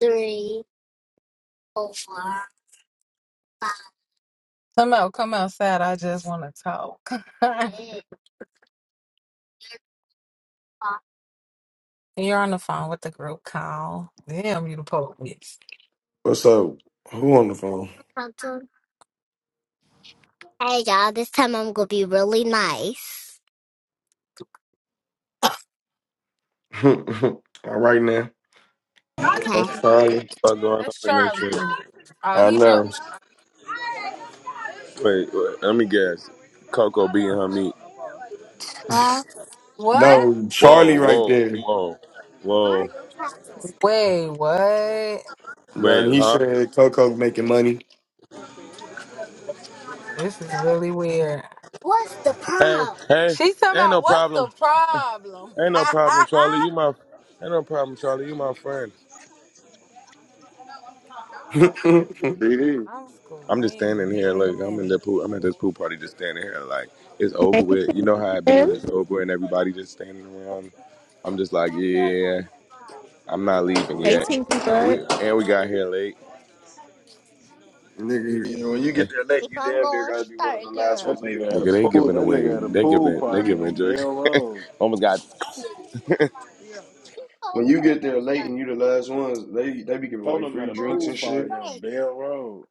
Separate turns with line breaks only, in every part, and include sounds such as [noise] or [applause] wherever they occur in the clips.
three, four, five, [laughs] six, five.
What's up? Who on the phone?
Something. [laughs] Hey y'all, this time I'm gonna be really nice.
[laughs] All right now.
Okay.
That's Charlie.
fuck going on in this shit?
I know.
Wait, wait, let me guess. Coco beating her meat.
Huh?
No, Charlie
Whoa,
right
whoa,
there.
whoa,
Why does
whoa.
it have to-
None.
Wait,
He
huh?
said Coco making money.
What's the
Hey,
problem?
hey, ain't no problem. Ain't no problem, Charlie. You my, ain't no problem, Charlie. You my friend.
[laughs] Nigga,
DD,
I'm just standing here. Look, I'm in the pool. I'm at this pool party, just standing here. Like it's over
Hey,
with. You know how it be
Tim.
when it's over and everybody just standing around. I'm just like,
That's not how
yeah,
it's done.
I'm not leaving
Hey,
yet.
Tinky Butt.
We and we got here late.
you know, when you get there late,
Keep
you
on
damn near
going,
gotta be one
start
of the last
that
ones
girl.
leaving.
nigga had a
Nigga, they
pool.
giving
That nigga
away.
had a
They
pool
giving. They
party
giving
on
jerk.
Bell Road.
[laughs] Almost got
Keep on
When you get there
going,
late
start.
and you the last ones, they they be giving
Told
away
him at
free
a
drinks
pool
and
party
shit.
on
Great.
Bell Road.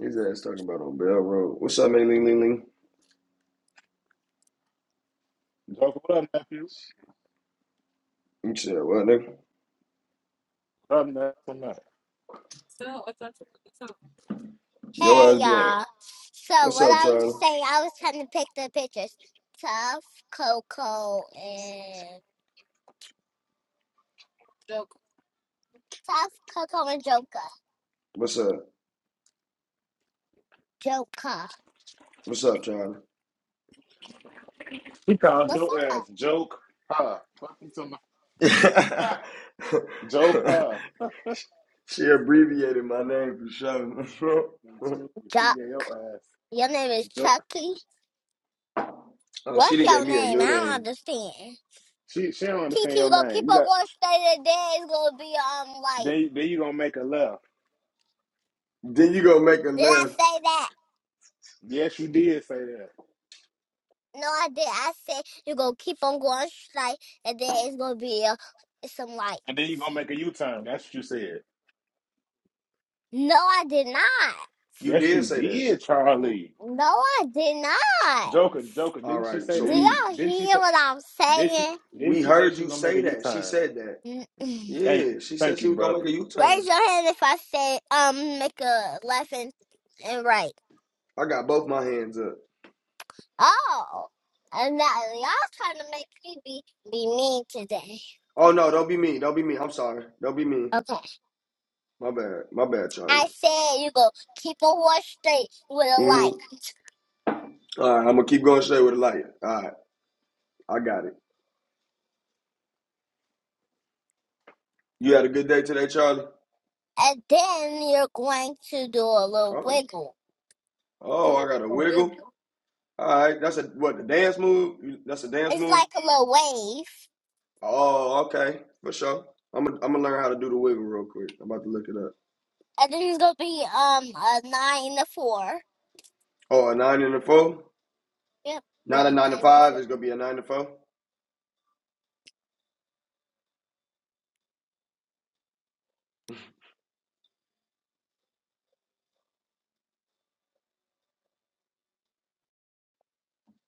His ass talking about on Bell Road. What's up, man? Ling ling ling.
Joke, what up, nephew?
You said what, nigga?
What up, nephew? What up?
Your
Hey
ass be on.
y'all. So
What's
what
up,
I was
Charlie?
saying, I was trying to pick the pictures. Tough Coco and Tough Coco and Joker.
What's up?
Joker.
What's up, Charlie?
He called
What's
your
up?
ass joke. Huh? Fucking to my [laughs] joke.
[laughs]
Huh?
She abbreviated my name for sure.
And She,
[laughs]
she
Chuck.
gave your ass
Your name is
joke.
Chucky.
oh, she
What's
didn't
your
give me a
name? I
new
don't
name.
understand.
She she don't
Chi
understand your
gonna keep
name. You
on
got
going straight and then it's gonna be um like
then then you gonna make a left.
Then you gonna make a
did I
left.
say that?
Yes, you did say that.
No I did. I said you gonna keep on going straight and then it's gonna be uh, some like
And then you gonna make a U turn. That's what you said.
No I did not.
You
Yes,
did
you
say that.
did, Charlie.
No I did not.
Joker, Joker.
All
Didn't she
right.
say
So
Do
that?
we
y'all
Didn't she say?
hear what I'm
Did she?
saying?
we
Didn't she say
heard
she
you
was gonna make
say
a U
that. She
turn?
said that.
Mm-mm.
Thank
Yeah.
you,
She said
thank you,
she was gonna make
brother.
a U
Raise
turn.
your hand if I say um make a left and, and right.
I got both my hands up.
Oh, and now y'all trying to make me be, be mean today.
Oh no! Don't be me. Don't be me. I'm sorry. Don't be me.
Okay.
My bad. My bad,
I
Charlie.
said you go keep a horse straight with a light,
Mhm. All right. I'm gonna keep going straight with the light. All right. I got it. You had a good day today, Charlie.
and then you're going to do a little
Oh.
wiggle. Do a
Oh, I got a
little
wiggle.
wiggle.
All right, that's a what the dance move. That's a dance
It's
move.
like a little wave,
Oh, okay, for sure. I'm gonna I'm gonna learn how to do the wiggle real quick. I'm about to look it up.
and then it's gonna be um a nine to four.
Oh, a nine and a four.
Yep, with
Not a
a
nine to
nine to
five.
four.
It's gonna be a nine to four.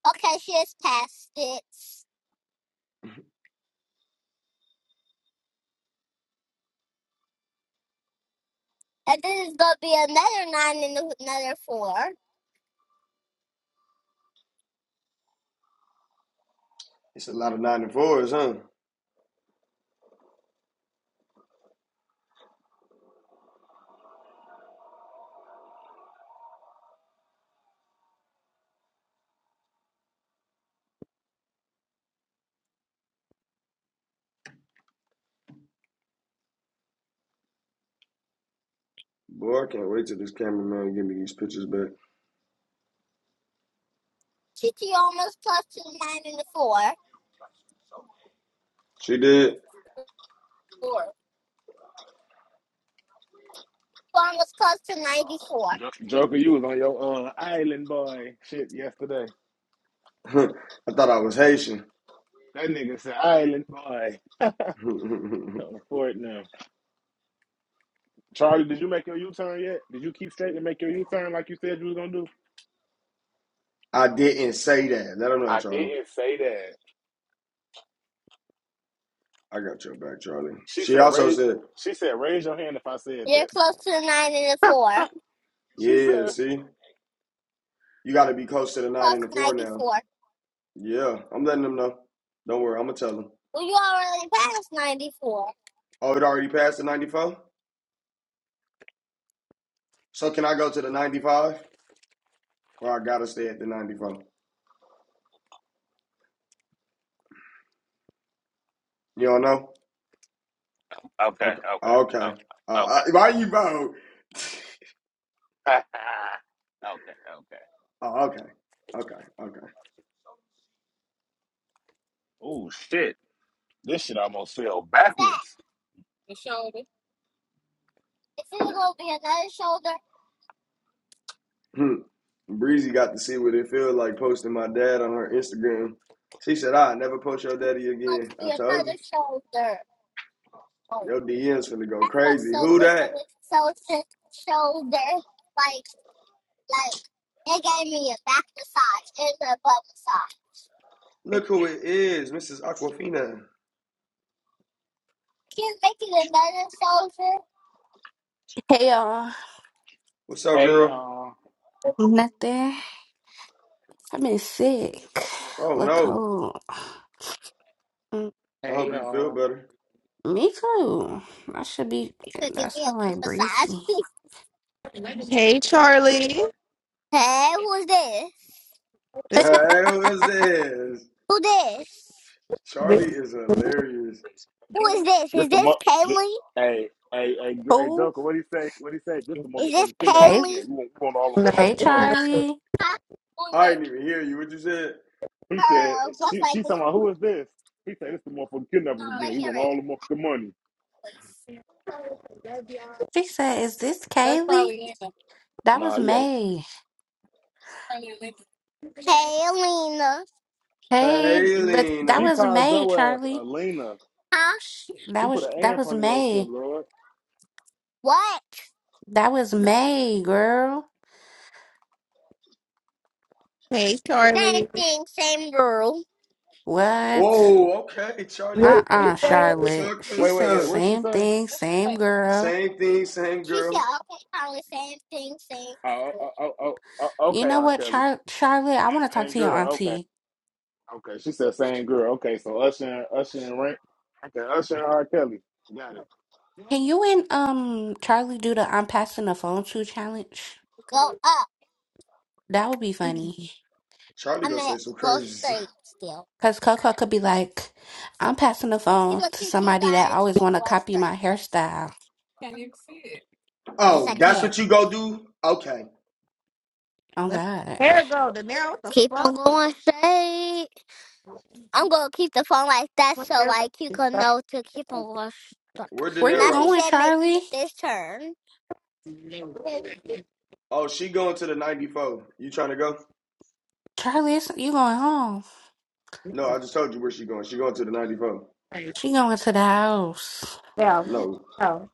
Okay, she has passed it, and then it's gonna be another nine and another four.
It's a lot of nine to fours, huh? Boy, I can't wait till this cameraman give me these pictures back.
She almost plus two nine and the four.
She did.
four. one was close to 94.
Jo- Joker, you was on your uh, island boy shit yesterday.
[laughs] I thought I was Haitian.
That nigga said island boy
[laughs]
on the fort now. Charlie, did you make your U turn yet? Did you keep straight and make your U turn like you said you was gonna do?
I didn't say that. Let her know,
I
Charlie.
didn't say that.
I got your back, Charlie.
She
She
said
also
raise.
said,
She said raise your hand if I said
You're
that.
close to the 9 and the 4.
She
"Yeah,
said.
see, you got to be close to the nine
Close
and the
to
four now."
94.
Yeah, I'm letting them know. Don't worry, I'm gonna tell them.
Well, you already passed 94.
Oh, it already passed the 94. So can I go to the 95, or I gotta stay at the 94? You don't know?
Okay, okay,
Okay. Okay. Uh,
okay, okay,
uh, why you vote? [laughs]
[laughs] okay, okay.
Oh, okay. Okay. Okay.
Oh shit! This shit almost fell
What's that?
backwards.
Your shoulder. It's either going to be another shoulder
Hmm. Breezy got to see what it feels like posting my dad on her Instagram. She said, "I never post your daddy
or it's
again."
going to be
I told you,
another shoulder. Oh,
your DMs finna go
that felt
crazy.
so
Who
good.
that?
It's so sick. Shoulder. Like, like, it gave me a back massage and a butt massage.
Look who it is, Mrs. Aquafina.
Can you make it another shoulder?
Hey y'all,
What's up,
Hey
girl?
y'all.
nothing. I've been sick.
Oh
Look
no,
cold. Mm,
I
Hey
hope you feel
y'all.
better.
Me too. I should be.
You could give
That
me a
sound
butt
like breezy.
massage.
Hey, Charlie.
[laughs] hey, who's this?
[laughs]
This was
Hey, what's this?
Who this?
this.
Charlie is hilarious.
Who is this?
This
Is
the
this
mo- the,
Kaylee?
hey, hey, hey, Gr- hey,
Who?
Joker, what he say? What he say? This the
Is this
motherfucker kidnapping
Hey,
again.
Kaylee?
We want, we want all the
No.
hey,
motherfucking money.
Charlie.
Huh?
I didn't even hear you. What you said?
He said,
Girl, looks
she,
like
she
this.
talking about who is this? He said, this the motherfucking kidnappers
I
again. We
hear
want
it.
all the motherfucking money.
She said, "Is this Kaylee?" That was
Nah, you got it.
May.
Kaylina.
Hey,
Hey,
but that
Lena.
She
was
called
May,
your ass
Charlie.
Elena.
Huh?
Sh
She
that
put
was
an A
that
in
was
front of your shit,
May.
Lord.
What?
That was May, girl.
Hey,
Same
Charlie.
thing, same girl.
What?
Oh, okay, Charlie.
What she
Uh-uh,
say?
Charlotte.
Talk your
She
Wait, wait,
said
wait.
stuff.
What she
same
say?
thing, same girl.
Same thing, same
She said,
girl.
okay, Holly, same thing, same
Oh, oh, oh,
girl.
oh, oh, oh,
You
okay,
know
R.
what,
Kelly.
Char-
She
Charlotte? I want to
said
talk
same
to your
girl. Okay,
auntie.
okay. She said same girl. Okay, so Usher, and- Usher and Rank. Okay, Usher and R. Kelly. Got it.
Can you and um Charlie do the I'm passing the phone to challenge?
Go up.
That would be funny.
Charlie
I'm
gonna
gonna
say some
go
crazy stuff.
straight still.
Cause Coco could be like, I'm passing the
She
phone
will
to
teach you
somebody that
guys to
always want to
go
copy
straight.
my hairstyle.
Yes, I
Oh, that's
can.
what you go do? Okay.
Oh
Let
God,
her hair go. The nail. What the
Keep on
fuck?
going straight. I'm gonna keep the phone like that
Let
so
hair
like you
go.
can know to keep on going straight.
Where De
where you
Now she
Niro?
going,
said make
Charlie?
this turn.
Oh, she going to the 94. You trying to go?
Charlie, it's, you going home?
No, I just told you where she going. She going to the 94.
She going to the house?
Down.
No,
No.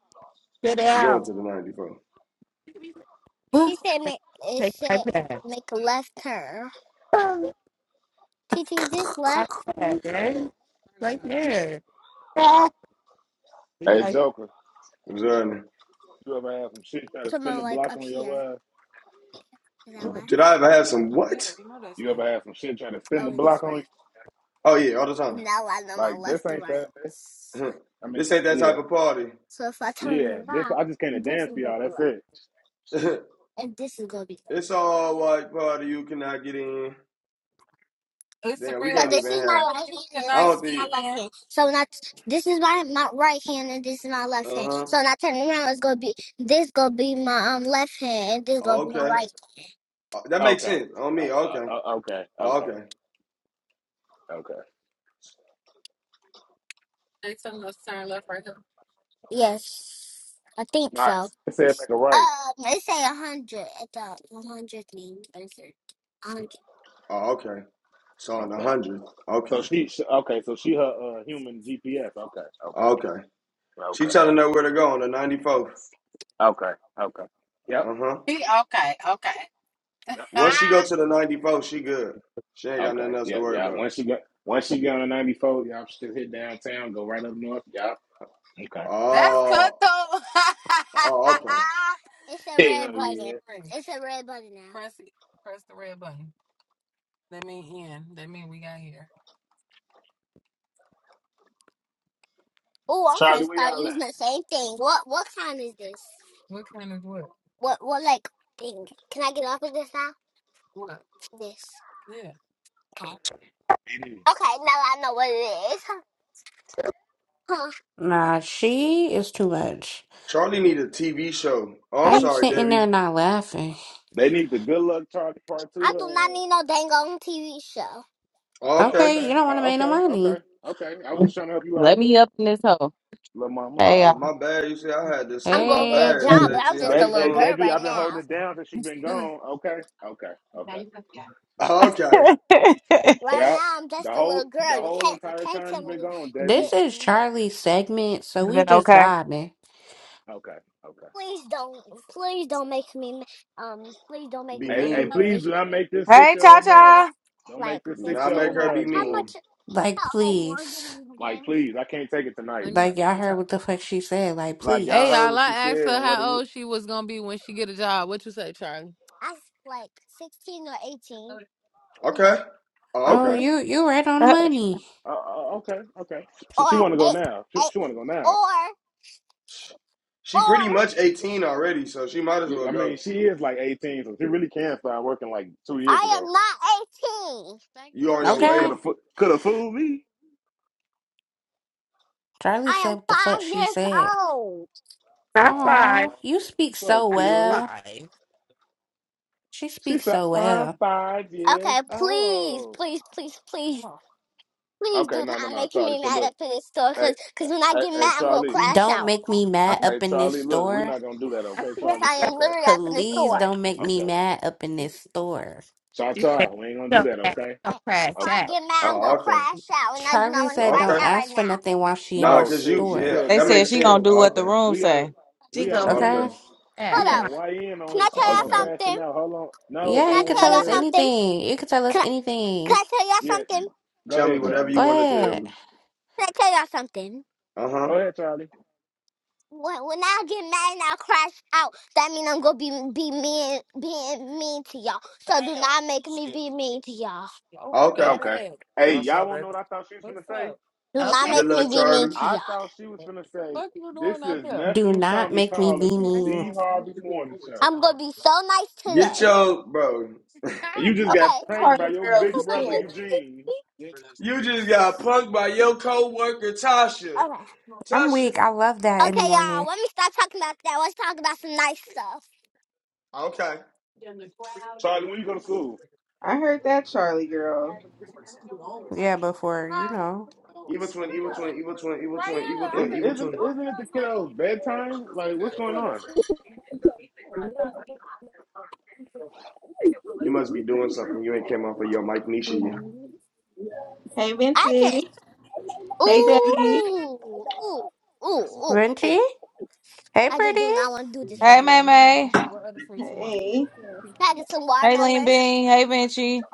Get
she going
out.
to the 94.
What?
She said make it
Take the
said
iPad.
make a left turn.
Oh,
T T, is this left?
iPad, man. Right there. Are you
Hey,
like
Joker.
What's her name?
You ever had some shit try to
Come
spin
on,
the
like
block
up
on
here.
your ass?
Is that left?
Did I ever have some what?
You ever had some shit try to spin the
Oh, it is
block on you?
right.
Oh yeah, all the time.
Now I know my
Like this
left and
ain't
right.
that.
[laughs]
I mean,
this ain't that
yeah,
type of party.
So if I turn
yeah. This
around,
I just came to
this
dance for
is gonna
y'all.
be
That's
left,
it.
[laughs]
and this is gonna be left.
it's all white party. You cannot get in.
It's a
Damn, we
real. So
So
can't
this
even
is
have.
my right
I
hand, and
don't
this is my
think.
left hand. So not this is my my right hand, and this is my left
Uh
hand.
huh.
So when I turn around, it's gonna be this gonna be my um left hand, and this gonna be my
Okay.
right.
Uh, That makes
okay,
sense on
uh,
me. Okay.
uh, uh, okay, okay,
Okay.
okay.
Yes, I think so.
Nice. I said make it
Um,
right.
it say a hundred at the one hundred thing. A hundred.
Oh, okay. So on the
Okay.
hundred.
So
Okay.
she, she okay. So she her uh, human GPS. Okay, okay,
Okay. She
okay,
telling her where to go on the ninety fourth.
okay, okay. Yep,
Uh huh.
yep. [laughs] mhm.
Once she go to the ninety fourth, she good. She ain't got
Okay,
nothing else to
yeah,
worry
yeah.
about.
Once she got. once she get on the ninety four, y'all just hit downtown, go right up north. Yep. all Okay.
Oh. Oh. Okay.
It's a red
Hell
button.
yeah.
It's a red button now. Oh, I'm gonna
Charlie, where
start
y'all at?
using the same thing. What what kind is this? What what like thing? Can I get off of this now? This. Okay.
It is.
Okay, now I know what it is. Huh.
Nah, she is too much.
Charlie need a TV show. Oh,
How
I'm
you
sorry,
sitting
Debbie.
there not laughing?
They need the good luck Charlie part
I do
two.
not need no dang on TV show.
Uh, uh, uh,
Okay.
Okay,
okay,
you don't
uh,
want to make no
okay, okay,
money.
okay. I was just trying to help you
Let
out,
me up in this hole.
little mama.
Hey,
Uh,
y'all.
my bad. You see, I had to say
I'm
my
gonna
Hey.
get a
bad,
job, but
[laughs]
I'm
sexy. How
just
Deb,
a
you
little
hey,
doing?
girl
Debbie,
right
I've been holding
now.
it down since she's been gone. Okay, okay, okay.
[laughs] Okay.
it's
Right
Yep.
now, I'm
The
just a
whole
little girl.
the
You
whole
can't you
entire
can't
time
tell
you've
me
been gone,
to
Debbie.
This is
get.
Charlie's segment, so we
been
just
okay.
vibing.
Okay, okay.
Please don't, please don't make me, um, please don't make
Be
me
Hey, hey
mean.
please
angry.
do not make this six
Hey,
year
Cha
old mad.
Cha.
Don't
Like
make this
Do
six
not
year
fifteen
make
old
or
her be
mad,
how
Joel.
mean.
much?
Like,
How old was it
please.
in
Like,
again?
please, I can't take it tonight.
Like, y'all heard what the fuck she said. Like,
Like y'all
please.
heard what she said and what it is.
I s- like sixteen or eighteen
Okay. Oh,
Oh,
Okay,
okay.
you you right on the
[laughs]
money.
Uh, uh, okay, okay. She,
or
she want to go
eight,
now. She,
eight
she want to go now.
or
She
or
pretty much 18 already, so she might as
Yeah,
well
I mean,
go.
she is like 18, so she really can start working like two years
I am
ago.
not eighteen.
You on your
She
Okay.
could
way?
have could have fooled me.
Charlie
I
said
am
what the fuck
five
she
years
said.
old.
not
Aw,
five?
Oh,
you speak
so
so
Are you
cute.
well.
five?
She
She
speaks
said,
so
I'm
well.
five years
Okay, please,
old.
please, please, please, please
Okay,
do
no, no,
not
no,
make
Charlie.
me
So
mad
look,
up in this store,
hey,
cause, cause when I
hey,
get
hey
mad, I'm gonna
Charlie.
crash
Don't
out.
make me
Are
mad
Hey,
up in this
Charlie, look, we're
store.
not going to do that,
I
okay,
see you
Yes,
Charlie?
I am
crash.
Okay.
literally up in the
Please
Uh,
store.
don't make me
okay.
mad up in this store.
You say,
Cha-cha, we ain't going to
don't
do that,
crash.
okay?
Don't
Uh, If I
crash.
get mad, I'm gonna
Okay.
Oh, okay.
crash out, and I do not
Charlie
want
Yeah,
to
said
crash
don't
Okay.
out right
ask for
now.
nothing while she in
Nah,
Oh
this
cause
shit,
you,
she
store.
yeah,
said
They
that
said
makes
crash
she
sense.
gonna
out.
do
Oh,
what the
okay.
room
We got a
say.
She
we got a
goes,
Oh,
junior
Okay?
okay.
yeah,
we
Hold
got
come
up.
a
on.
YN on
Can
here.
I
She
tell
Oh,
talking
y'all
about
Okay.
crashing
something?
out. Hold on. No,
Yeah,
I
Can I
you
don't
can
want to
tell
tell
y'all
us
hear it.
something?
anything. You can tell us
Can I, can
anything.
I tell y'all
Yeah.
something?
Go
Tell me
ahead,
whatever
Charlie.
Go
you want to tell
ahead.
me.
Can I tell y'all something?
Uh
Go
huh.
ahead, Charlie.
When, when I get mad and I crash out, that means I'm gonna be be mean, being mean to y'all. So do not make me be mean to y'all.
Okay.
Okay. Hey, y'all wanna know what I thought she was gonna say?
Do not
Okay.
Good
make me
luck,
be mean
Charlie.
to
I
y'all.
thought she was gonna say, This is
Do
nephew
not
Tommy
make me
calling
be
from the
mean.
Steve Harvey morning show.
I'm gonna be so nice
Get
today.
your bro.
And you just got
Okay.
pranked by your big brother Eugene.
You just got punked by your coworker Tasha.
Okay.
I'm
Tasha.
weak. I love that in the
Okay, y'all.
morning.
Let me stop talking about that. Let's talk about some nice stuff.
Okay.
Charlie, when you go to school?
I heard that, Charlie girl.
Yeah, before, you know.
Evil twin, evil twin, evil twin, evil twin, evil twin,
is
evil
isn't
twin.
isn't it the kiddo's bedtime? Like what's going on?
You must be doing something. You ain't came off of your mic Nisha, yet.
Hey,
I just
Vinci. Hey,
ooh
Debbie.
ooh ooh ooh
Renty?
ooh.
Hey,
I just
pretty.
do not want to do this
Hey,
right
May
now.
May.
Bananas. What other fruits you want?
to
Hey.
Make sure
Can I get some
Hey, Lean
watermelon?
Bean. Hey, Vinci.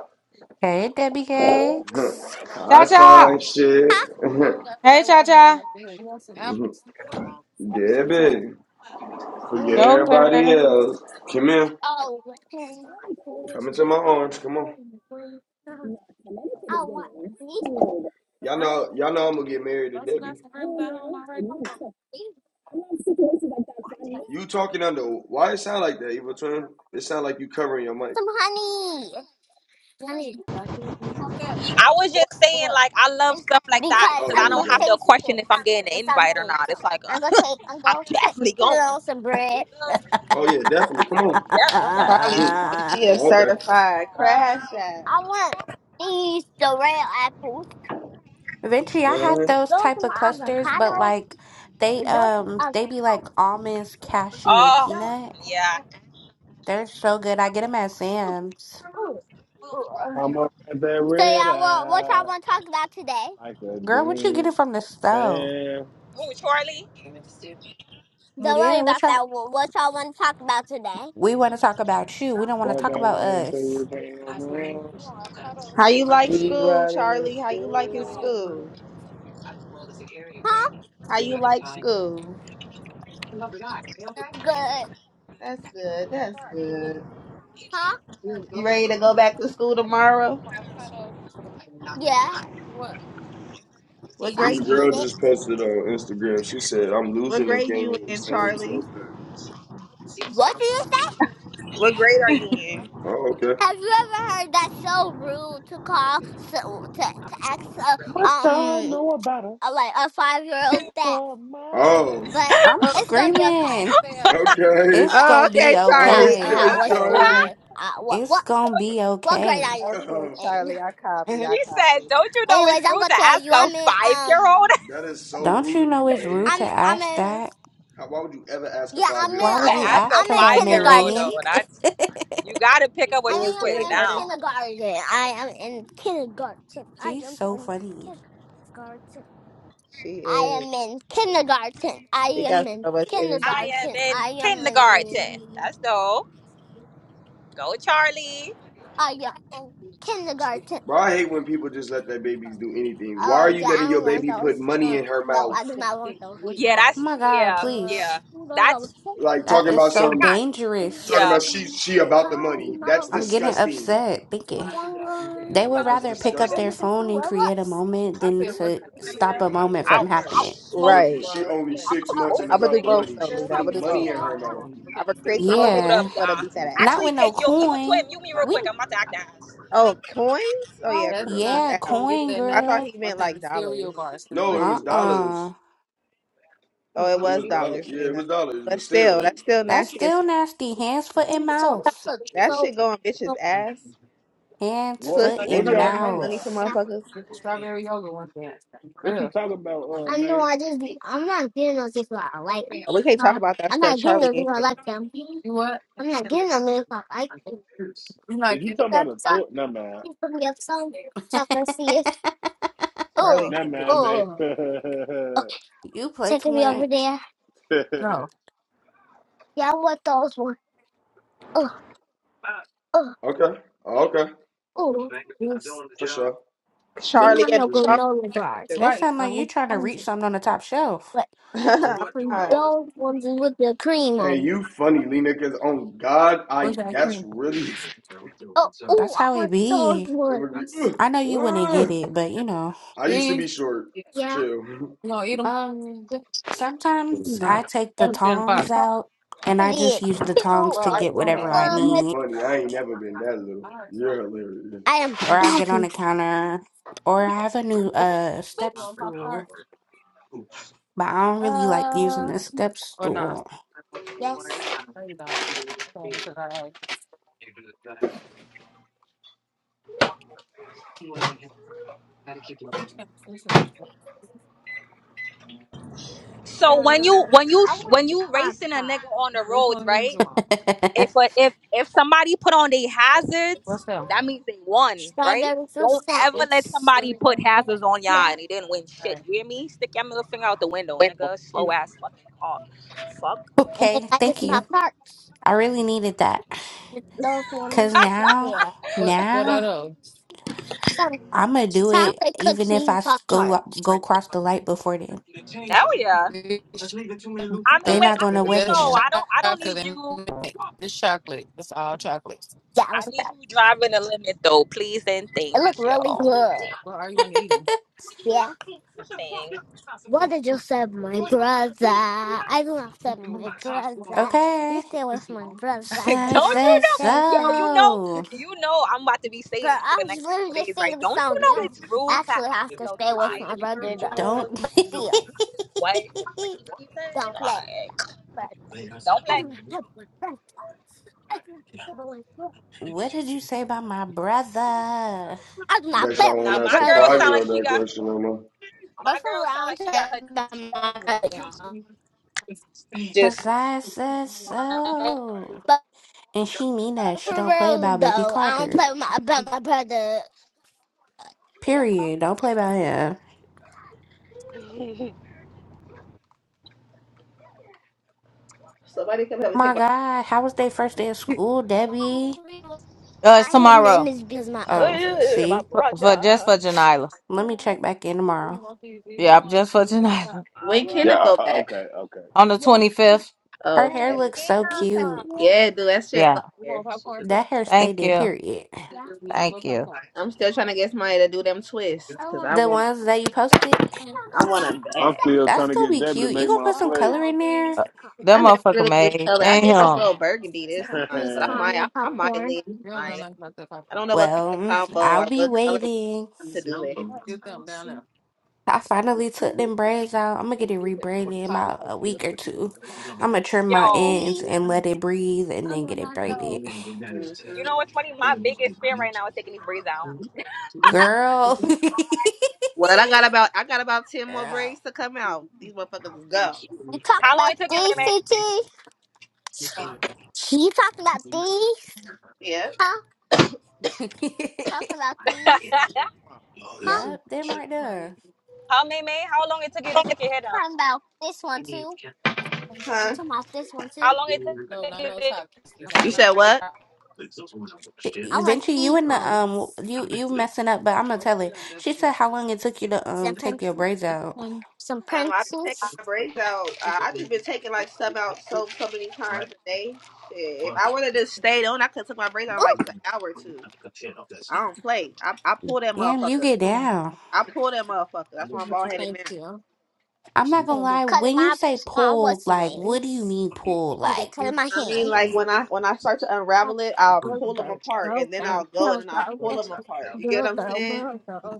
Hey, Debbie
[laughs]
Cakes.
Cha
I
Cha.
find shit.
Huh?
[laughs]
Hey, Cha Cha.
Debbie. Forget everybody
Joker.
mm
else. Come here.
Oh, okay.
and
Come into my arms. Come on.
now Connecticut is
I want
getting
these-
wicked.
Y'all know y'all know I'm gonna get married to Debbie.
I don't know. It needs to.
these-
I love situations like that 'cause I know.
You talking under why it sound like that, evil twin? It sound like you covering your mic.
some honey. Honey.
I was just saying, like, I love stuff like that
Because
Oh,
because I
I'm
there you
don't
gonna
have
go.
to
taste
question
it
if I'm getting
with
an invite or
something.
not. It's like, uh,
I'm gonna take. I'm
[laughs] I'm
gonna take
definitely
you
going.
know, some
You
bread.
feel me?
Oh yeah, definitely. Come
Yeah, I'm
on.
definitely
[laughs]
going.
Charlie
Hmm.
said
[laughs]
she a
Oh, okay.
certified crash
Um,
out.
I want these the real apples.
Venti, I had
Uh-huh.
those
Those
type
are
of
my
clusters, but
avocados.
like they
So y'all,
um they be like almonds, cashew, and
Oh,
peanut.
yeah.
They're so good. I get them at Sam's.
I'm up at that red
want, what
eye.
y'all want to talk about today?
Like a
Girl, what you
damn
getting from the store?
fan.
Who, Charlie?
Don't worry
Yeah, what
about
y'all?
that. Wha- What y'all want to talk about today?
We want to talk about you. We don't want to
Part
talk
that
about
line until
us.
you came around.
How you like
We be
school,
riding in
Charlie? How you liking
skin.
school?
Huh?
How you like school?
It's good.
That's good. That's good.
Huh?
You ready to go back to school tomorrow?
Yeah.
What
So I
This
grade
can
you?
eat
girl
it.
just posted on Instagram. She said, "I'm
What
losing and
grade you
gaining the
in,
same ten
Charlie?
pounds."
What did you say?
What grade are you in?
Oh, okay.
Have you ever heard that so rude to call so to, to ask a,
What y'all
um
know about a
a, like a five year old that?
supermodel?
Oh,
But
I'm
Oh,
it's gonna be okay.
screaming.
okay.
It's
To
oh,
gonna
ask
be
okay,
me how
Charlie.
okay.
how
Okay,
what
Uh,
Okay,
Charlie.
school uh, what
It's
what
gonna be
what grade
okay.
I am
okay,
Oh,
in.
Charlie. I
[laughs]
copy. I
she
copy.
said, don't you know it's
Anyways, I'm
rude
gonna
to
tell
ask
you.
a
I'm in
five year old?
um.
that is so
Don't
rude
you
of
know
you,
it's
man.
rude to
I'm I'm
ask
in
that?
How, why would you ever ask a
yeah.
five
I'm in
year
Why
old?
[laughs]
I,
to
would you
um.
ask a
ask
I'm
her
in
that,
five year old,
kindergarten.
Maylink?
though. That's, you got to pick up what
I
You in
she's
mean,
putting
I'm in
kindergarten?
down.
kindergarten. I am in kindergarten.
[laughs]
I
She's
am
so
in
funny.
kindergarten.
She
I
is.
am in kindergarten. I
She got
am in
so much energy.
I am
kindergarten.
in
I am
kindergarten.
in.
That's dope. Go Charlie.
I am in kindergarten.
bro, I hate when people just let their babies do anything. Why are
Oh
you
yeah, I
letting
don't
your
want
baby
those.
put money in her
No,
mouth?
I do not want those. What you
Yeah,
want?
Oh
that's
my God,
yeah,
Uh,
please.
yeah. That's
no.
Like
That
talking
is
about
yeah,
so
I
some,
got
Come
talking
dangerous.
yeah.
about she she about the money.
my
That's
I'm
way,
getting
disgusting.
upset
dear
thinking
diary.
they
You
I'm
would
like,
trying to
that's
do
rather
no
pick up
nigga?
I
their
disgusting.
guess I'm
phone
from
and
where
create a
was.
moment than to
Yeah,
stop a
nigga.
moment from
I'll
happening.
I'll
Sh
smoke
look,
you,
Right.
Oh,
she
nigga.
only
I'll
six
cook
months
both
and
of
I'm
you
gonna do
about the
both
niggas,
money.
though,
She's
nigga.
Lita. I'm
What the fuck
I'm
are
putting
gonna do
you
sorry,
money
both.
talking
in
about,
her
all
mouth.
nigga?
I'm gonna create the
I'm gonna
moment.
mute up,
Yeah.
and I'm gonna
y'all.
beat that ass.
Not
Actually,
with no
kid, yo, evil
coin.
twin, mute me real
We.
quick. I'm about to act ass.
Oh, coins? Oh
Oh,
yeah,
I
That's
coins
got
not.
is
you.
Yeah,
out.
coin
I thought
girl.
he meant like dollars.
No, it was
Uh-uh.
dollars.
Oh, it
It
was
was dollars.
dollars,
Yeah, it was
Lena.
dollars,
But
but
still,
still.
that's still
That's
nasty as
still
fuck.
nasty. Hands, foot, and
It's so,
mouth.
look,
That
so,
shit go on bitches'
so,
ass.
Hands,
What
foot,
Pussy. They
what
be
are
and
trying to
y'all
hide
talking
money
about?
from
mouth.
yeah.
motherfuckers.
What you talking about, uh
I know
May?
I just, I'm not getting those if I like them.
Oh, we can't talk
Uh,
about that
I'm
stuff.
not getting
Charlie
those
in
if I
here.
like them. I'm not getting them if I like them. I'm not
Is you
getting them.
talking about a
That's not,
tour? Nah man.
you put me up some, so I can see it. Oh,
Charlie,
Nah
funny.
man, May.
oh.
[laughs]
Okay,
You play too
Taking me over
much.
there. Yeah, I want those ones. oh. oh.
Okay. Okay.
Oh, these
For sure.
these
Charlie
are
and the
no
chocolate
granola bars.
factory.
It
Right.
sounds
I
like you
want
trying to
ones.
reach something on the top shelf.
But
[laughs] I'm
for
hot.
those ones with the cream on.
And
'em.
you funny, Lena, because on God, I that's really
Oh, oh,
That's
I
how it
want
be.
[laughs] I'm
those
gonna be,
ones.
"Ugh,
I know you wouldn't
ugh."
get it, but you know.
I used to be short.
Yeah.
Chill. [laughs]
Um, sometimes I take the tongs out and I just
Idiot.
use the
Oh,
tongs to
Well, I
get
want it.
whatever
nah,
I
you
need,
But
funny. I ain't never been that little. You're hilarious.
I am
or I'll
back.
get on the counter, or I have a new uh step stool. but I don't really like using
Uh,
the step stool.
yes.
So when you
Uh,
when you
I want
when
the
you
pop
racing a
pop.
nigga on the roads, right?
[laughs]
if a, if if somebody put on their hazards, that means they won, right?
Strawberry fruit
Don't
snack.
ever let somebody put hazards on y'all
Yeah.
and they didn't win shit. You hear me? Stick your middle finger out the window, nigga. Slow ass fucking car. Fuck.
And then
okay,
I get
thank
some
you.
pop tarts.
I really needed that
Those
because
ones.
now,
Yeah.
now
Some
I'm gonna do it
chocolate
even if
cookie
I s-
pop
go up-
tarts.
go cross the light before them.
Hell yeah. I mean,
they
wait.
not gonna
Actually,
wet hit
no.
him.
I don't. I don't need you.
Yeah, I
I
was
need you driving the limit though, please and
It looked
thank you.
really good. Yeah.
Thank.
What did you say, my brother? I do not say my brother. You
Okay,
stay with my brother,
so
[laughs]
I
cause I
don't you
said
know?
say
Yo,
so.
you know,
so.
you know. I'm about to be
But
saying that for
I
the
was
next couple of
literally just
days, right?
singing the
Don't you
song. You
know
don't
it's rude to
actually
ask
have to
a
stay with my
five year
brother, though.
old?
Don't.
But still,
what
[laughs]
grade
don't play.
Like,
But
don't
I do
play.
not play with my brother. I do not play with my brother.
what did you say about my brother?
I do not
Bet
play
y'all
with my
Now
won't
my
ask a
girl
brother.
five
sound
year
like
old
she
that
got
question no more.
my
But for
girl sound
round,
like
I don't
she got
play
her
with
TT thing. Just
Cause I said
my brother.
so.
But
And she mean that she
For
don't play
real
about baby
though, I
Carter.
don't play with my about my brother. Yeah,
Period. Don't play by him.
[laughs]
Somebody come help me
Oh
take my
My God, how was their first day of school, Debbie?
Uh, it's
why His name
tomorrow
is because my
Oh,
auntie.
see?
my
for, for just
brother.
for Janila.
Yeah.
Let me check back in tomorrow.
Yeah, just for [laughs] Janila
All
When
Oh
right.
can
yeah,
it
uh,
go
yeah,
uh, okay,
back?
okay.
on the
yes,
twenty
he
fifth.
Oh,
Her hair
okay.
looks
I
so
think that's
Damn.
cute.
cool.
Yeah, dude, that shit
Yeah.
fire.
That hair stayed
Thank
there,
you.
period.
Yeah,
Thank you.
I'm still trying to get somebody to do them twists
I
because
want
I
The
want,
to.
ones
Papa,
that you posted,
I want them
I'm
who's
bad.
that?
still
Yeah.
trying
that's
to
gonna
get
be
Debbie to
cute. You
make
gonna
my
put some
Oh
plate.
yeah.
color in there?
Uh, That
I never
motherfucker
really do
made.
color. I did this
Damn.
little burgundy this time,
He's
but I
[laughs]
might,
calling
I,
the
I might
popcorn.
lean. I might. I don't know what color
Well, [laughs]
combo
I'll
or
be
what color
waiting.
to do it.
I finally took them
These
braids out. I'm gonna get it rebraided in about a week or two. I'm gonna trim my
or
Yo,
ends
these?
and let it breathe and
I'm
then get it
not the.
braided.
hmm
you know what's funny? My biggest fear
You
right now is taking these braids down.
Girl. [laughs]
Well, I got about, I got about ten more
Girl.
braids to come out. These motherfuckers is go.
talking
How long
about
it took you,
these,
Meme?
CT? He talking about these?
Yeah.
Huh?
[laughs]
[laughs]
Yep, them right there.
how Meme? How long it took you to take your hair down?
Huh?
How long it took you to take your
You said
hair
what?
down?
She- you and the um, you you messing up, but I'm gonna tell her. She said how long it took you to um take your braids out.
Um, I've been taking my braids out. Uh, I've just been taking like some out so so many times a day. Shit, if I would have just stayed on, I could have took my braids out in, like an hour or two. I don't play. I I pull that
Damn, you
motherfucker.
get down.
I pull that motherfucker. That's why I'm bald headed man.
I'm not gonna lie. When you say pulled, like, what do you mean pulled? Like,
I mean, like when I when I start to unravel it, I'll pull them apart, and then I'll go and then I'll pull them apart. You get what I'm saying?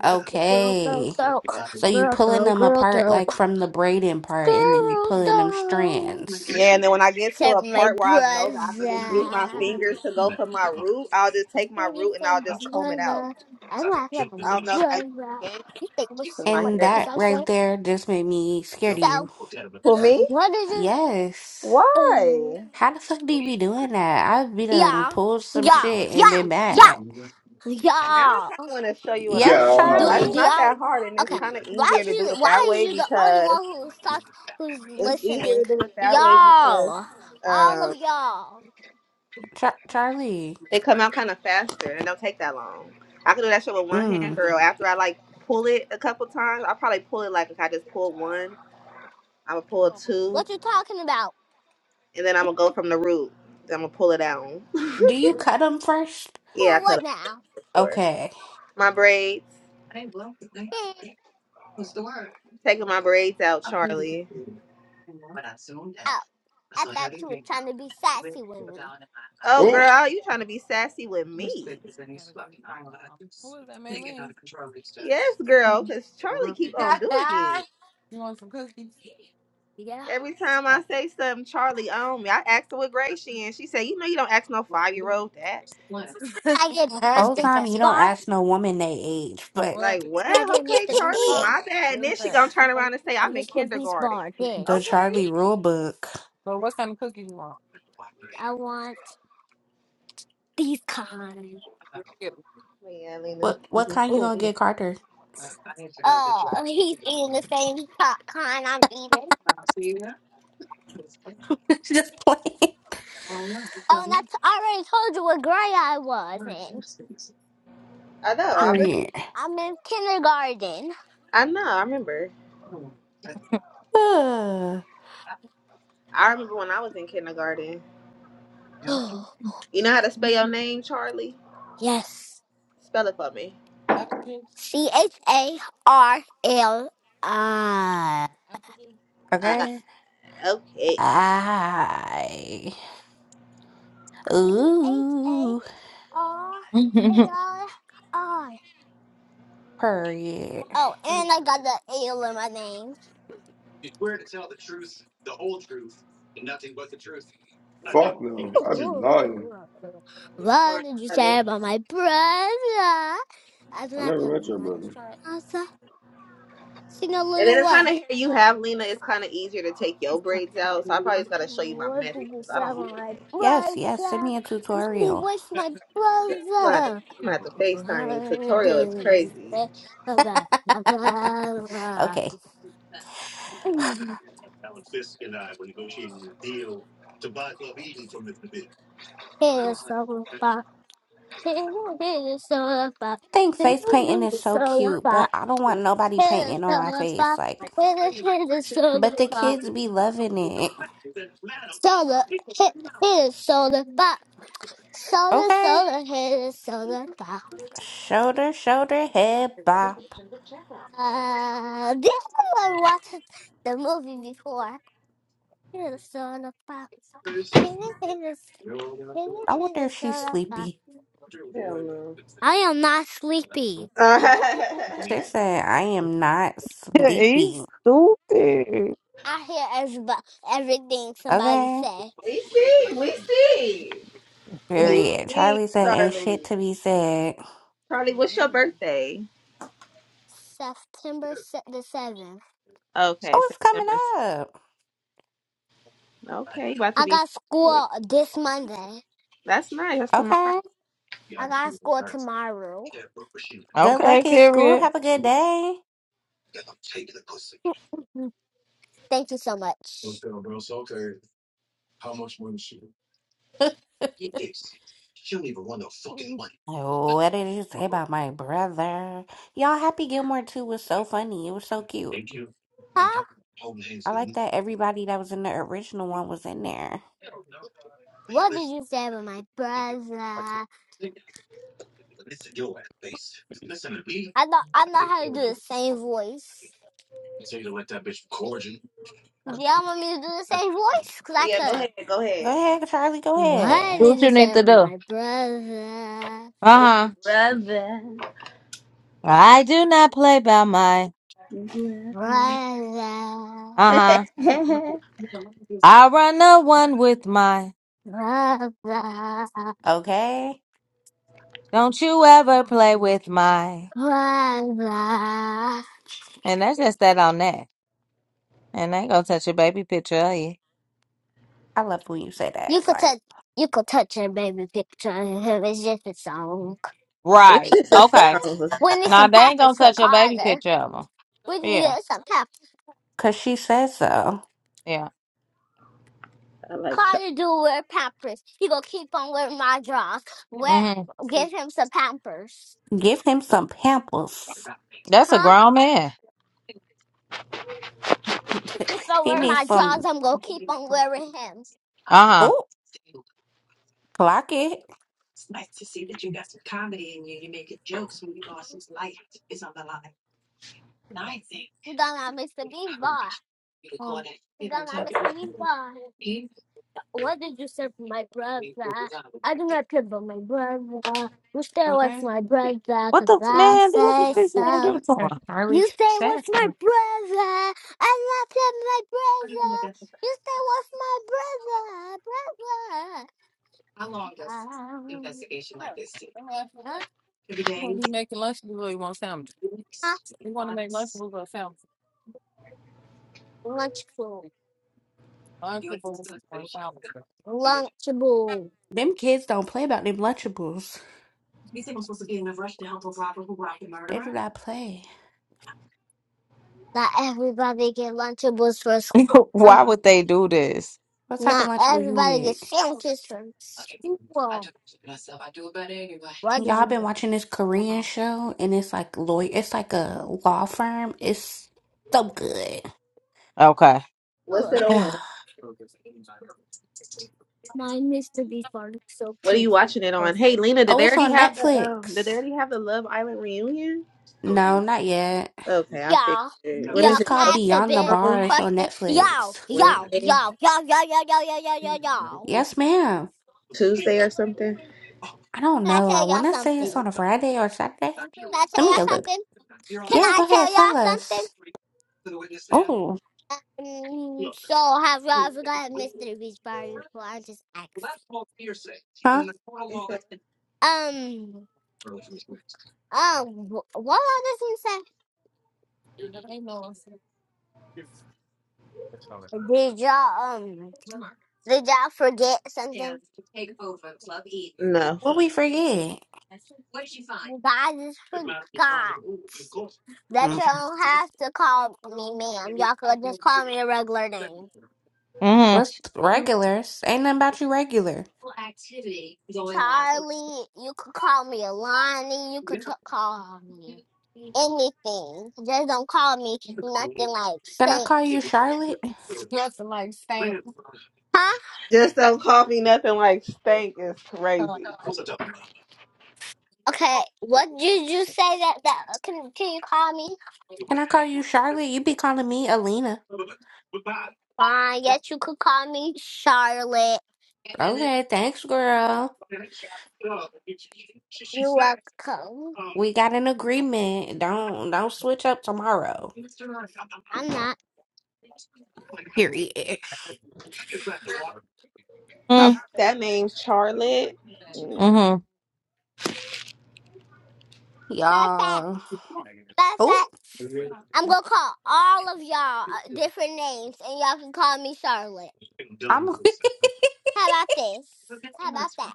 okay,
Yeah,
so you pulling them apart like from the braiding part, and then you pulling them strands,
Yeah, and then when I get to
Except
a
my
part where I know that I can just use my
brother.
fingers to go for my root, I'll just take my root and
Except
I'll
my
just comb it out.
brother. I'm laughing at
I
my
don't know if I
brother.
can.
You think what's so
'Cause my
funny?
and
hair.
Because
that
I say,
right there just made me scared of you.
so,
For me?
what is it?
Yes.
Uh,
Why?
How the fuck do you be doing that? I've been done
yeah,
pulled some
yeah,
shit and
yeah,
been
yeah,
back.
Now I
yeah.
kind of want to show you what I mean
Yeah.
Yes,
because
Do,
it's
Charlie?
do
Oh.
not
y'all,
that hard and it's
okay.
kind of
Why
easier
is
to do
you,
it that
why is
way
you the only
because
one who's talk, who's
it's easier
listening?
to do it that way because
Y'all, all
um,
of y'all.
Char- Charlie.
they come out kind of faster and it don't take that long. I can do that shit with one hand,
Mm.
girl. After I like pull it a couple times, I probably pull it like if I just pull one, I'm gonna pull two,
What you talking about?
and then I'm gonna go from the root. Then I'm gonna pull it out.
Do you cut them first?
[laughs] yeah, I
Who
cut
what
up
now?
for sure.
Okay.
My braids, taking my braids out, Charlie.
[laughs] I thought you were trying to be sassy with me.
Oh, girl, you trying to be sassy with me? Yes, girl, because Charlie keep on doing it.
Yeah.
Every time I say something, Charlie on me. I asked her what grade she in. She said, "You know, you don't ask no five year old that."
I get [laughs]
Whole
Mr.
time you
Beast
don't
bar.
ask no woman they age, but
Like,
Can I
what?
get
Okay,
Mr.
[laughs]
Beast
Charlie,
bar?
my bad. And
What's
then she
that?
gonna turn around and say,
A
"I'm in
Mr. Beast
kindergarten."
bar.
the
Yes.
Okay.
Charlie rule book.
I want these kind.
yeah, Lena.
What what kind you
Oh.
gonna get Carter?
Uh, he's eating the same co- kind I'm eating.
[laughs] Just playing.
Oh, and I, t- I already told you what grade I was in.
I know.
I,
I remember.
Period.
I'm in kindergarten.
I know. I remember.
[sighs] Ugh.
I remember when I was in kindergarten.
[gasps]
You know how to spell your name, Charlie?
[sighs] yes.
Spell it for me.
C H A R L I.
Uh,
okay.
Yes.
okay.
I
C H A.
ooh.
R A I I.
Period.
Oh, and I got the L in my name.
Fuck no, I'd be lying.
You
What
smart,
did you
Charlie.
say about my brother? I do
I
not put
never
him
met
in
your
the
brother.
shirt. Also, sing a
And
little
then the
what?
kind of hair you have,
Water.
Lena, it's kind of easier to take your braids out. So I probably just got to show you my
What did
method
you
because I
say about
don't play.
my
You
Yes,
brother?
yes. Send me a
He
tutorial.
was my
gonna have to, I'm
brother.
gonna have to FaceTime you.
What did
Tutorial is
you
crazy.
say about my brother?
Okay.
Here's some [laughs] They know this is all about.
think
They
face
don't
painting
know
is
this is
so
all
cute, but
about.
I don't want nobody
It is
painting on
all
my face.
about.
Like,
It is it is all
but the
about.
kids be loving it.
Solar, it, it is solar about. Solar,
Okay.
solar, it is solar about.
Shoulder, shoulder, head bop.
Uh, this is I watched the movie before. It is solar about. It is it is it
I
is it
wonder
is
if she's
solar about.
sleepy.
Hell no.
I am not sleepy.
[laughs]
She said, I am not
[laughs]
sleepy.
He's stupid.
I hear everybody, everything somebody
Okay.
say.
we see, we see, we
Period.
see,
Charlie said, ain't shit
Charlie.
to be said.
Charlie, what's your
Mm-mm.
birthday?
September se- the 7th.
Okay,
Oh, it's coming
September.
up.
7th. Okay, you about to
I
be.
got
sick.
school this Monday.
That's nice. That's tomorrow.
Okay.
I got school tomorrow.
Good
Okay,
luck in school.
period.
Have a good day.
Mm, Thank you so much.
[laughs]
Mm.
what did you say about my brother? Y'all, Happy Gilmore 2 was so funny. It was so cute.
Huh?
I like that everybody that was in the original one was in there.
What did you say about my brother? I know I know how to do the same voice. Do y'all want me to do the same voice? Cause I
Yeah, go
could.
ahead, go
Go
ahead.
ahead, Charlie, go
What
ahead.
Do
did
what
you
you
say
need to
about
do.
my brother?
Uh huh.
Brother,
I do not play by my.
brother. [laughs]
Brother,
Uh huh. I run the one with my.
brother,
Okay.
Don't you ever play with my.
brother.
And that's just that on that. And they ain't gonna touch your baby picture of you.
I love when you say that.
You could
Like,
touch, you could touch a baby picture of him. It's just a song.
it's
Right.
just a
Okay.
sound.
We
[laughs]
need
Now
some
they ain't
pampers
gonna
for
touch your baby
Carter.
picture of them.
We need
Yeah.
uh, some pampers.
because she says so.
Yeah.
I like Charlie.
Carter do wear pampers. He gonna keep on wearing my drawers. Wear,
hmm
give him some pampers,
Give him some pampers.
That's a
huh?
grown man.
Keep
[laughs]
on
he
wearing
needs
my drawers.
some.
I'm gonna keep on wearing him.
Uh huh.
Oh, clock it.
You done not Mr. Bean Bar. Oh. You done not Mr. Bean Bar. What did you say for my brother? I do not care about my brother. You stay away
Okay.
from my brother,
What
cause
the
I
man? What the
say
fish man
so.
do
Or
to
You
Charlie
stay
said.
with my
so.
brother. I love him, my brother. You stay with my brother, brother. Ah, Lunchable, lunchable.
Them kids don't play about them Lunchables. They do not play.
Not everybody get lunchables for school.
him? [laughs] Why
Um,
would they do this?
What type of
not
Lunchable you
everybody
get?
gets sandwiches from school. Why did
Y'all
you
been
make
watching this Korean
that?
show and it's like lawyer it's like a law firm. It's so good.
Okay.
What's it
Ugh,
[sighs]
on?
oh,
What
Mine used to be fun, so
are
cute.
you watching it on? Hey, Lena, did they
it's
already
on
have the um? Did they
Netflix.
already have the Love Island reunion?
No, not yet.
Okay, I
Y'all,
figured. When
It's
is
y'all,
it?
can
called
Oh,
I ask a
Beyond the
big
Tomorrow,
Bars on
question? Y'all,
Netflix.
y'all,
Wednesday,
y'all, y'all, y'all, y'all, y'all, y'all, y'all, y'all, y'all.
Yes, ma'am.
Tuesday, or something?
I don't
Can I
know. I
tell y'all
wanna say it's
something?
on a Friday or Saturday.
Can I tell
Let me
y'all
Oh,
go look.
something? Can
Yeah,
I
go ahead,
tell
tell
y'all something?
us. Oh,
Um, so have y'all ever got mystery beach party before? I'm just asking.
huh?
he said,
Um, um, wh- what other thing say? Did y'all um? Did y'all forget something?
No,
What we forget?
I just forgot. That
Mm,
you don't have to call me ma'am. Y'all could just call me a regular name.
What's
Mm-hmm.
regulars? Ain't nothing about you regular.
Charlie, you could call me Alani, you could t- call me anything. Just don't call me nothing like
Can I
stank.
call you Charlotte?
[laughs] Nothing like stank. Huh?
just don't call me nothing like Stank is crazy.
Okay, what did you say that, that uh, can, can you call me?
Can I call you Charlotte? You be calling me Alina.
Fine, yes, you could call me Charlotte.
Okay, thanks, girl.
You're welcome.
We got an agreement. Don't don't switch up tomorrow.
I'm not.
Period.
I
Mm-hmm.
like
[laughs]
that name, Charlotte. Mm,
Mm-hmm.
[clears throat]
Matter of fact,
Y'all.
matter of
Oh,
fact. I'm gonna call all of y'all uh, different names, and y'all can call me Charlotte.
I'm
How about this? How about that,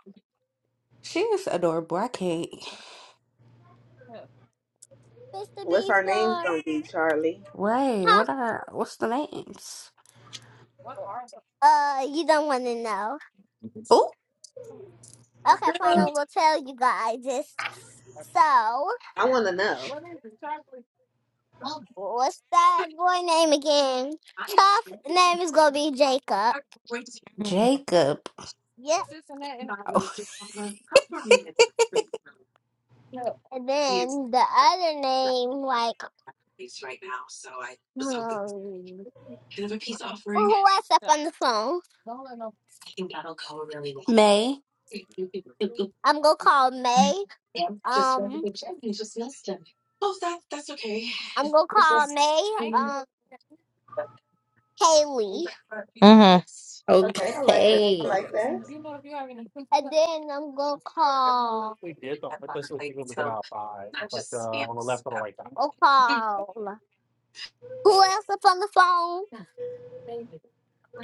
[laughs] she is adorable. I can't.
Mr.
What's
Beast
our names
Boy?
gonna be, Charlie?
Wait,
Huh?
what are what's the names?
Uh, you don't want to know.
Oh,
Okay, fine. I
Girl.
will tell you guys this. So,
I want to know.
what's that boy name again? Tough name is gonna be Jacob.
Jacob.
Yep.
Oh, [laughs]
And then the other name, like, um, who else up on the phone?
May.
I'm gonna call May. Um. I'm gonna call May, um, Haley,
Mm-hmm.
Okay, I like that.
Okay.
I like that.
and then I'm gonna call. We did though. Let's see What people was about five. I was like? uh, on the left or the right or left I'll call. Who else is on the phone?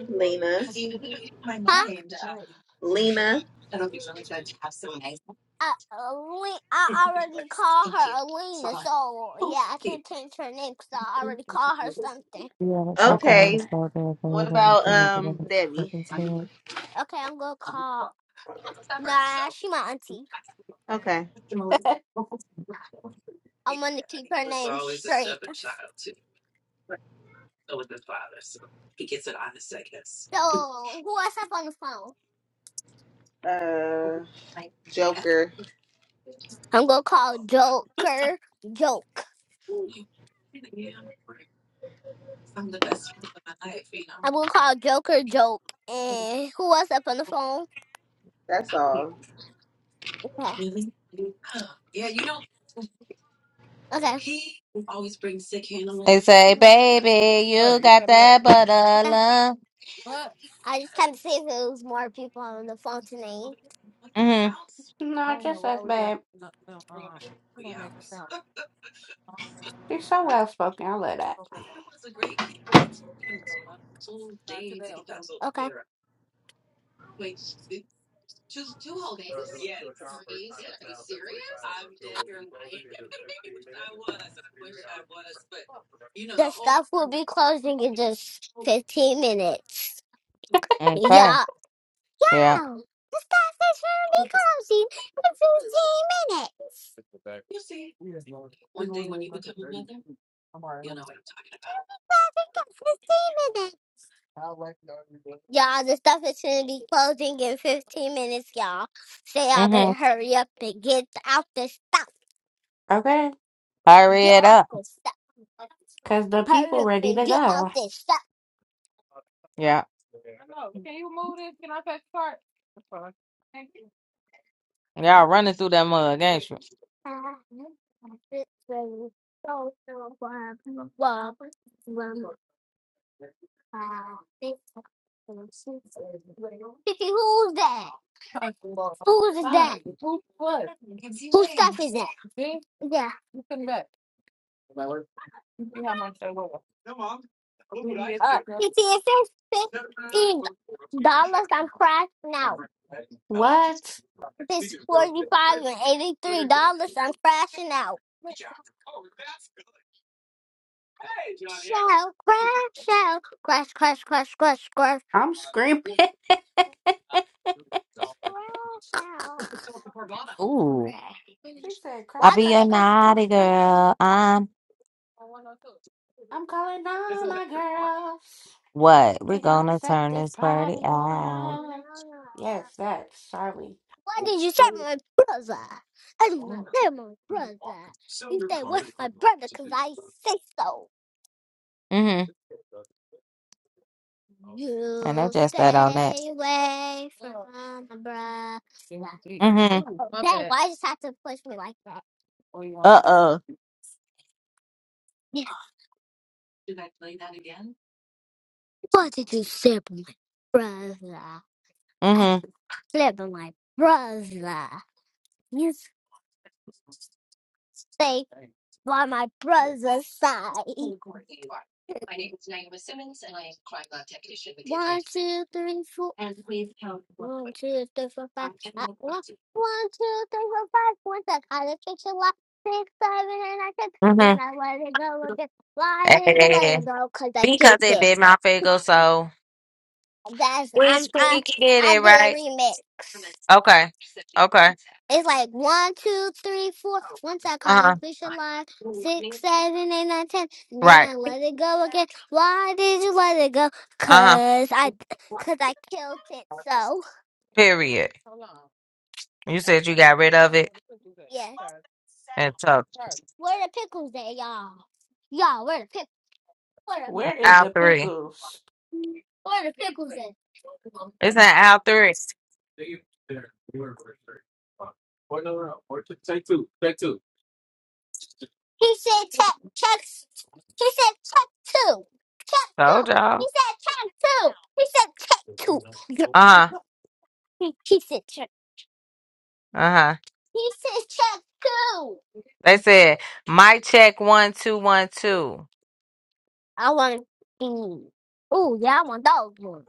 Lena,
Huh?
Lena.
Uh, Ale- I already called her Alina, so yeah, I can't change her name because I already called her something.
Yeah, that's not the
Okay.
name
Okay,
of
What about um Debbie?
Okay, I'm gonna call. Nah, she my auntie.
Okay.
[laughs]
I'm gonna keep her name straight. So who else up on the phone?
Uh Joker.
I'm gonna call Joker. Joke. I will call Joker Joke. And who was up on the phone?
That's all.
Okay. Okay.
the They say,
Okay.
baby, you got that butter love.
I just kind of see if there was more people on the phone tonight.
Mm-hmm.
no, just as bad. She's so well spoken. I love that.
Okay. The stuff will be closing in just 15 minutes.
Okay.
Yeah.
Yeah.
Wow. The stuff is going to be closing in 15 minutes. Stuff in 15 minutes. Y'all, the stuff is going to be closing in 15 minutes, y'all. Say y'all
Mm-hmm.
better hurry up and get out the stuff.
Okay,
Hurry
Get
it
out
up.
the stuff.
cause the
Hurry
people
up
ready
and
to
get out
go.
there. Stop.
Yeah. Y'all running through that mug, ain't you?
who's that? Who's
Fuck.
that? Whose stuff is that? Yeah. Uh, it says fifteen dollars. I'm crashing out.
What?
It's forty-five and eighty-three dollars. I'm crashing out. Shell, crash, shell, crash, crash, crash, crash, crash.
I'm screaming.
Splash out.
[laughs]
Ooh.
Why
She said,
I
crash,
do
be
crash,
a
they
crash,
got
crash,
naughty
crash.
girl. I'm
I'm calling all
pizza?
my girls.
what? We're
We gonna
gonna
set
turn
this
this party
party
Oh,
out.
no,
on.
no.
Yes, that's Charlie.
Why did you say my brother? That's my, that's my brother. You stay with my brother because I say so.
Mm-hmm.
Okay.
I know
You
just that on that.
stay away from my brother.
Mm-hmm.
Oh, Dang, why I just have to push me like that?
Uh-oh.
Yeah. Why did you say my brother? I just
Mm-hmm.
said about my brother. You stay by my brother's side. One, two, three, four. One, two, three, four, five. Uh, one, one, two, three, four, five. Once I caught a fish and lock, six, seven, and I said, then
Mm-hmm.
I let it go again. Why did you let
Yeah.
it go? Cause I
Because
killed
it
it.
bit my finger, so
That's I'm
which
I
pinky did
I
it,
did a
right?
remix.
Okay. Okay.
It's like one, two, three, four. Once I caught a
Uh-huh.
fish alive, six seven eight nine ten. Then
Right.
I let it go again. Why did you let it go?
Uh-huh.
Cause I, cause I killed it. So.
Period. You said you got rid of it
Yeah.
and took
Where the pickles at, y'all? Y'all, where the pickles? Where
Where is
out
the,
the
three.
pickles?
where the pickles at?
It's not out three.
He said check, check. He said check two. Check
Told
two. He
y'all.
said check two. He said check two. Gr-
Uh-huh.
He he said check.
Uh-huh.
He said check two.
They said mic check one two one two.
I want these. Oh, yeah, I want those ones.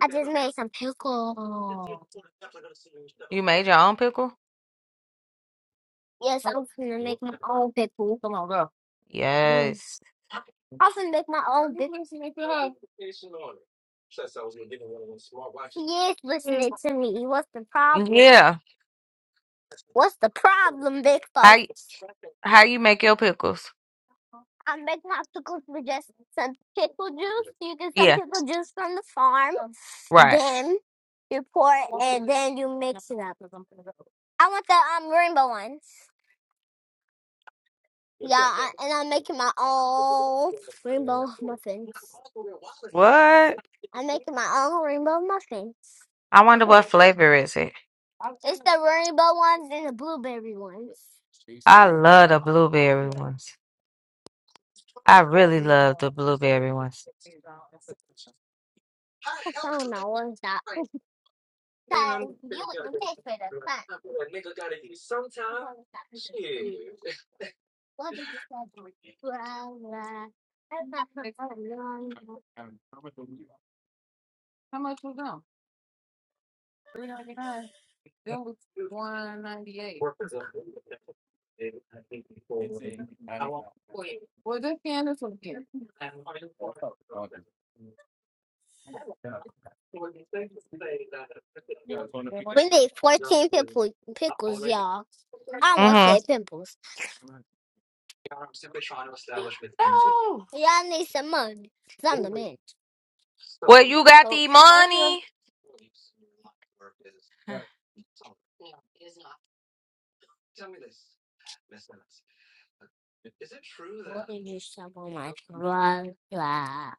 I just made some pickle.
You made your own pickle?
Yes, I'm finna make my own pickle. Mm.
Yes.
I'm finna make my own pickle. He is listening to me. What's the problem?
Yeah.
What's the problem, big
How
folks?
y- how you make your pickles?
I'm making popsicles with just some pickle juice. You get some
Yeah.
pickle juice from the farm.
Right.
Then you pour it and then you mix it up. I want the um rainbow ones. Yeah, I, and I'm making my own rainbow muffins.
What?
I'm making my own rainbow muffins.
I wonder what flavor is it.
It's the rainbow ones and the blueberry ones.
I love the blueberry ones. I really love the blueberry ones.
[laughs] I don't know what's that. 很没有人带水的饭，然后打开水瓶，我就去烧水。哇哇！I'm not going to Yeah, it's one of the- We need fourteen pimples, pickles, y'all. I'm Almost
Mhm.
say pimples.
No!
Y'all need some money. Some of them.
Well, you got the money. [sighs]
What did you shovel my truck? Blah.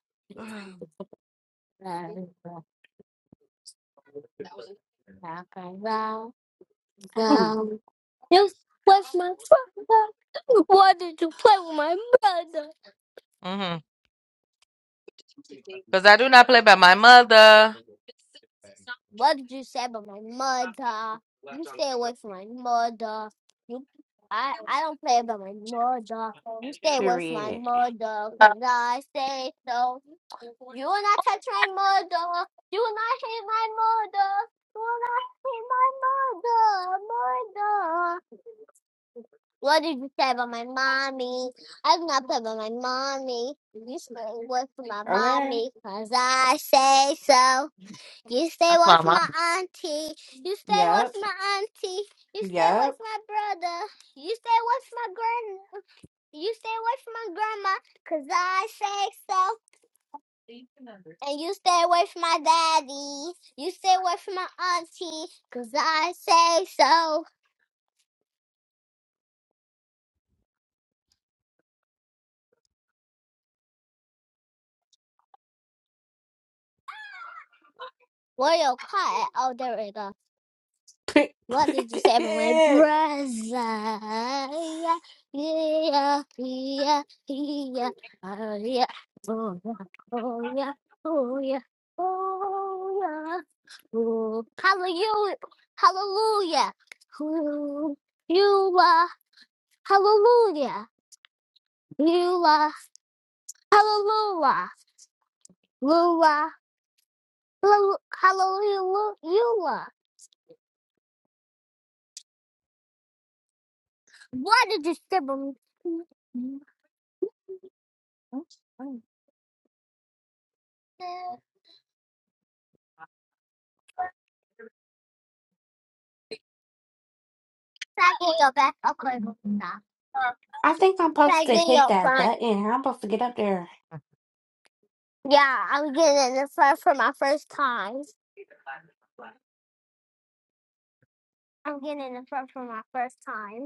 Talk about
Hmm,
them. Just with my truck. Why did you play with my brother?
Mhm. Because I do not play by my mother.
What did you say about my mother? You stay away from my mother. You, I, I don't play about my mother. You stay away from my
period.
mother, cause I say so. You will not touch my mother. You will not hit my mother. You will not hit my mother, mother. What did you say about my mommy? I do not play about my mommy. You stay away from my
Okay.
mommy, cause I say so. You stay
That's
away
my
from my
mom.
auntie. You stay away
Yep.
from my auntie. You stay away
Yep.
from my brother. You stay away from my grand. You stay away from my grandma, 'cause I say so. And you stay away from my daddy. You stay away from my auntie, 'cause I say so. Royal quiet. Oh, there we go.
[laughs]
What did you say about my brother? Yeah, yeah, yeah, yeah, yeah. Oh, yeah. Oh yeah, oh yeah, oh yeah. Ooh, hallelujah, hallelujah. Ooh, you are hallelujah. You are hallelujah. Lula, lula, hallelujah, lu- you are. What did you symbol? Tagging your back. Okay, now.
I think I'm supposed to
Tagging
hit
your
that
front.
button. I'm supposed to get up there.
Yeah, I'm getting in the front for my first time. I'm getting in the front for my first time.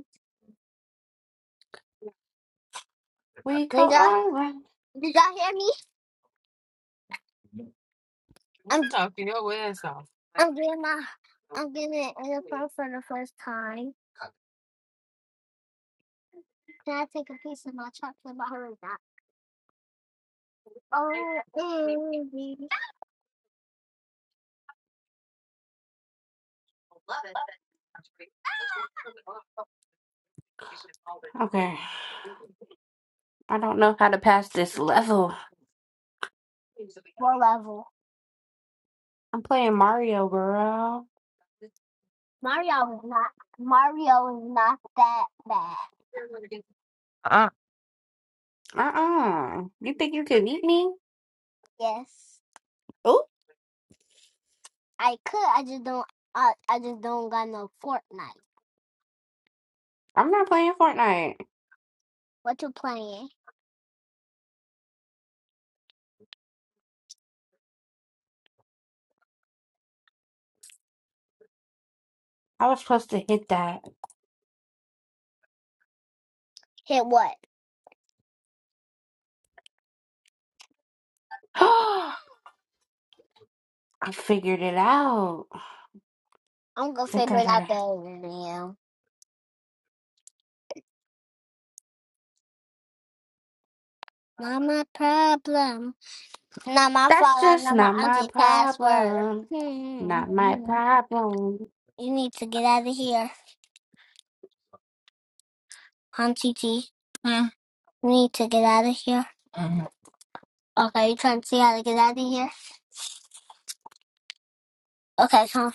We go
Did y'all,
all right.
did y'all hear me? I'm I'm doing my I'm getting an earphone for the first time. Can I take a piece of my chocolate bar or not? Oh, baby.
Okay. I don't know how to pass this level.
What level?
I'm playing Mario, girl.
Mario is not Mario is not that bad.
Uh.
Uh-uh. You think you can beat me?
Yes,
Oh,
I could. I just don't. I I just don't got no Fortnite.
I'm not playing Fortnite.
What you playing?
I was supposed to hit that.
Hit what?
[gasps] I figured it out. I
I'm gonna
think
figure
I
it out
gotta.
better than you. Not my problem. Not my
That's
fault. I
just
know my
not my
auntie password.
problem. Not my
Hmm.
problem.
You need to get out of here, Auntie T. Hmm. You need to get out of here. Okay, you trying to see how to get out of here? Okay, come.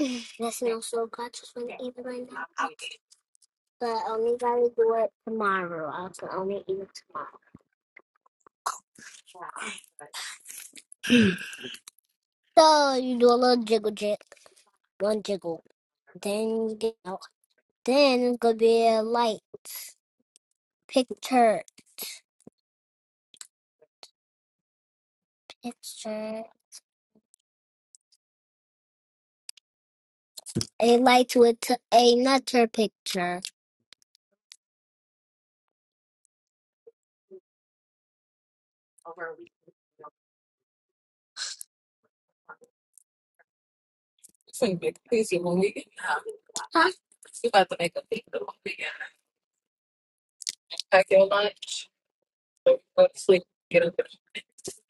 on. [clears throat] That smells so good. Just want to eat it right now. Okay. But only gotta do it tomorrow. I can only eat it tomorrow. So you do a little jiggle jig, one jiggle. Then you get out. Then it's gonna be a light picture. Picture. a light with another picture.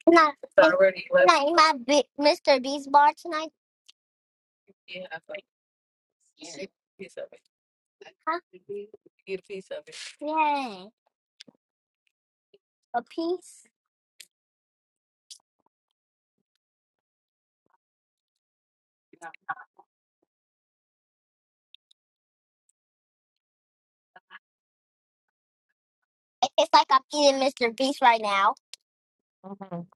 Not, already left. not in my big Mr. Beast bar tonight. Huh? Yeah, a piece. It- It's like I'm eating Mr. Beast right now.
Mhm.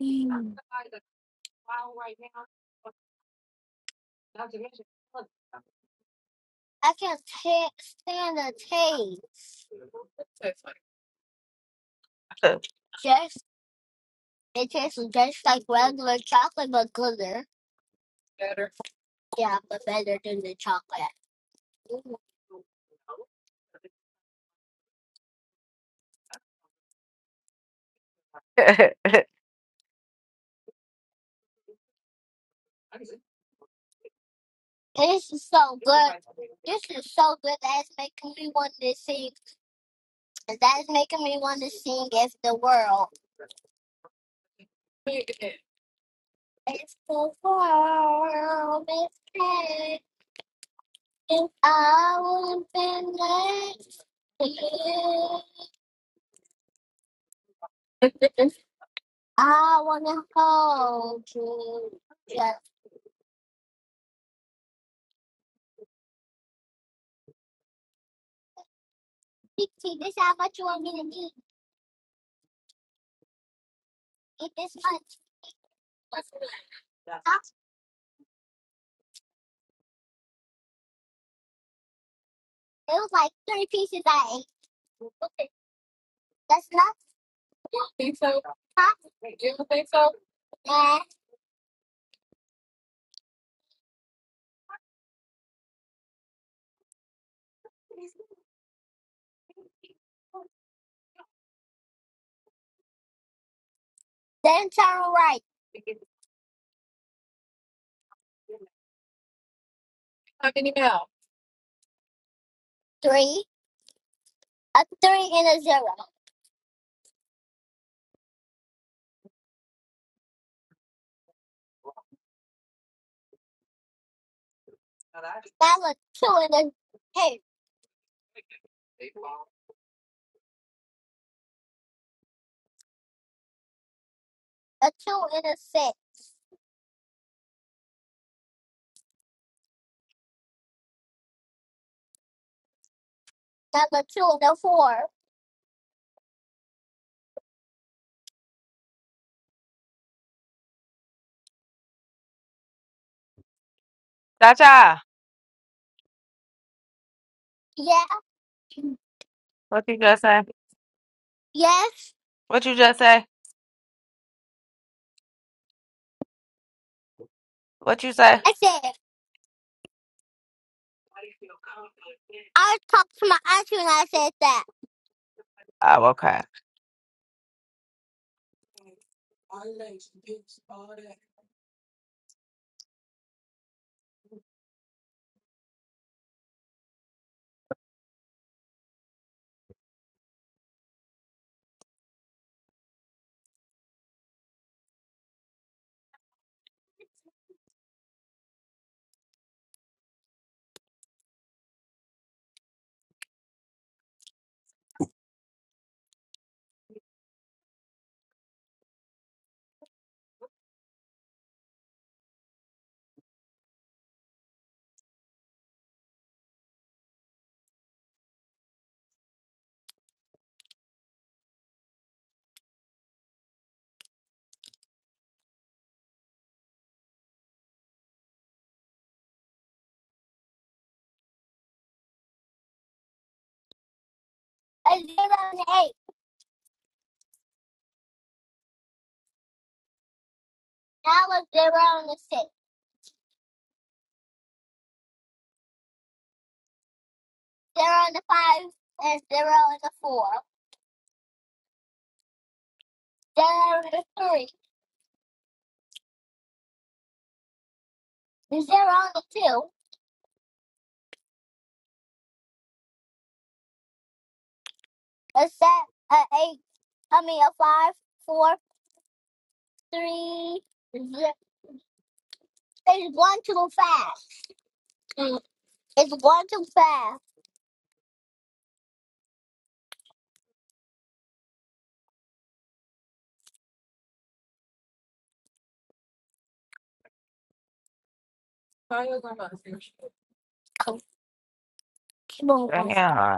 Mm. I can't ta stand the taste. Just it tastes just like regular chocolate, but gooder. Yeah, but better than the chocolate. Mm. This is so good. This is so good. That's making me want to sing. That's making me want to sing "If the World." It's the world is caving, in, I wouldn't been left here. [laughs] I wanna hold you. Just see this is how much you want me to eat. Eat this much.
Gotcha.
Huh? It was like three pieces I ate. Okay. That's not hot. And then turn right. Three, a three and a zero. Now a two and a hey, a two and a six. Now a two and a four.
Gotcha.
Yeah.
What you just say?
Yes,
What you just say? What you say?
I said. I was talking to my auntie when I said that. A zero and an eight. Now a zero and a six. Zero and a five and zero and a four. Zero and a three. Zero and a two. A set a eight. I mean a five, four, three. ze- It's one too fast. Mm, It's one too fast. Oh, come on.
Yeah.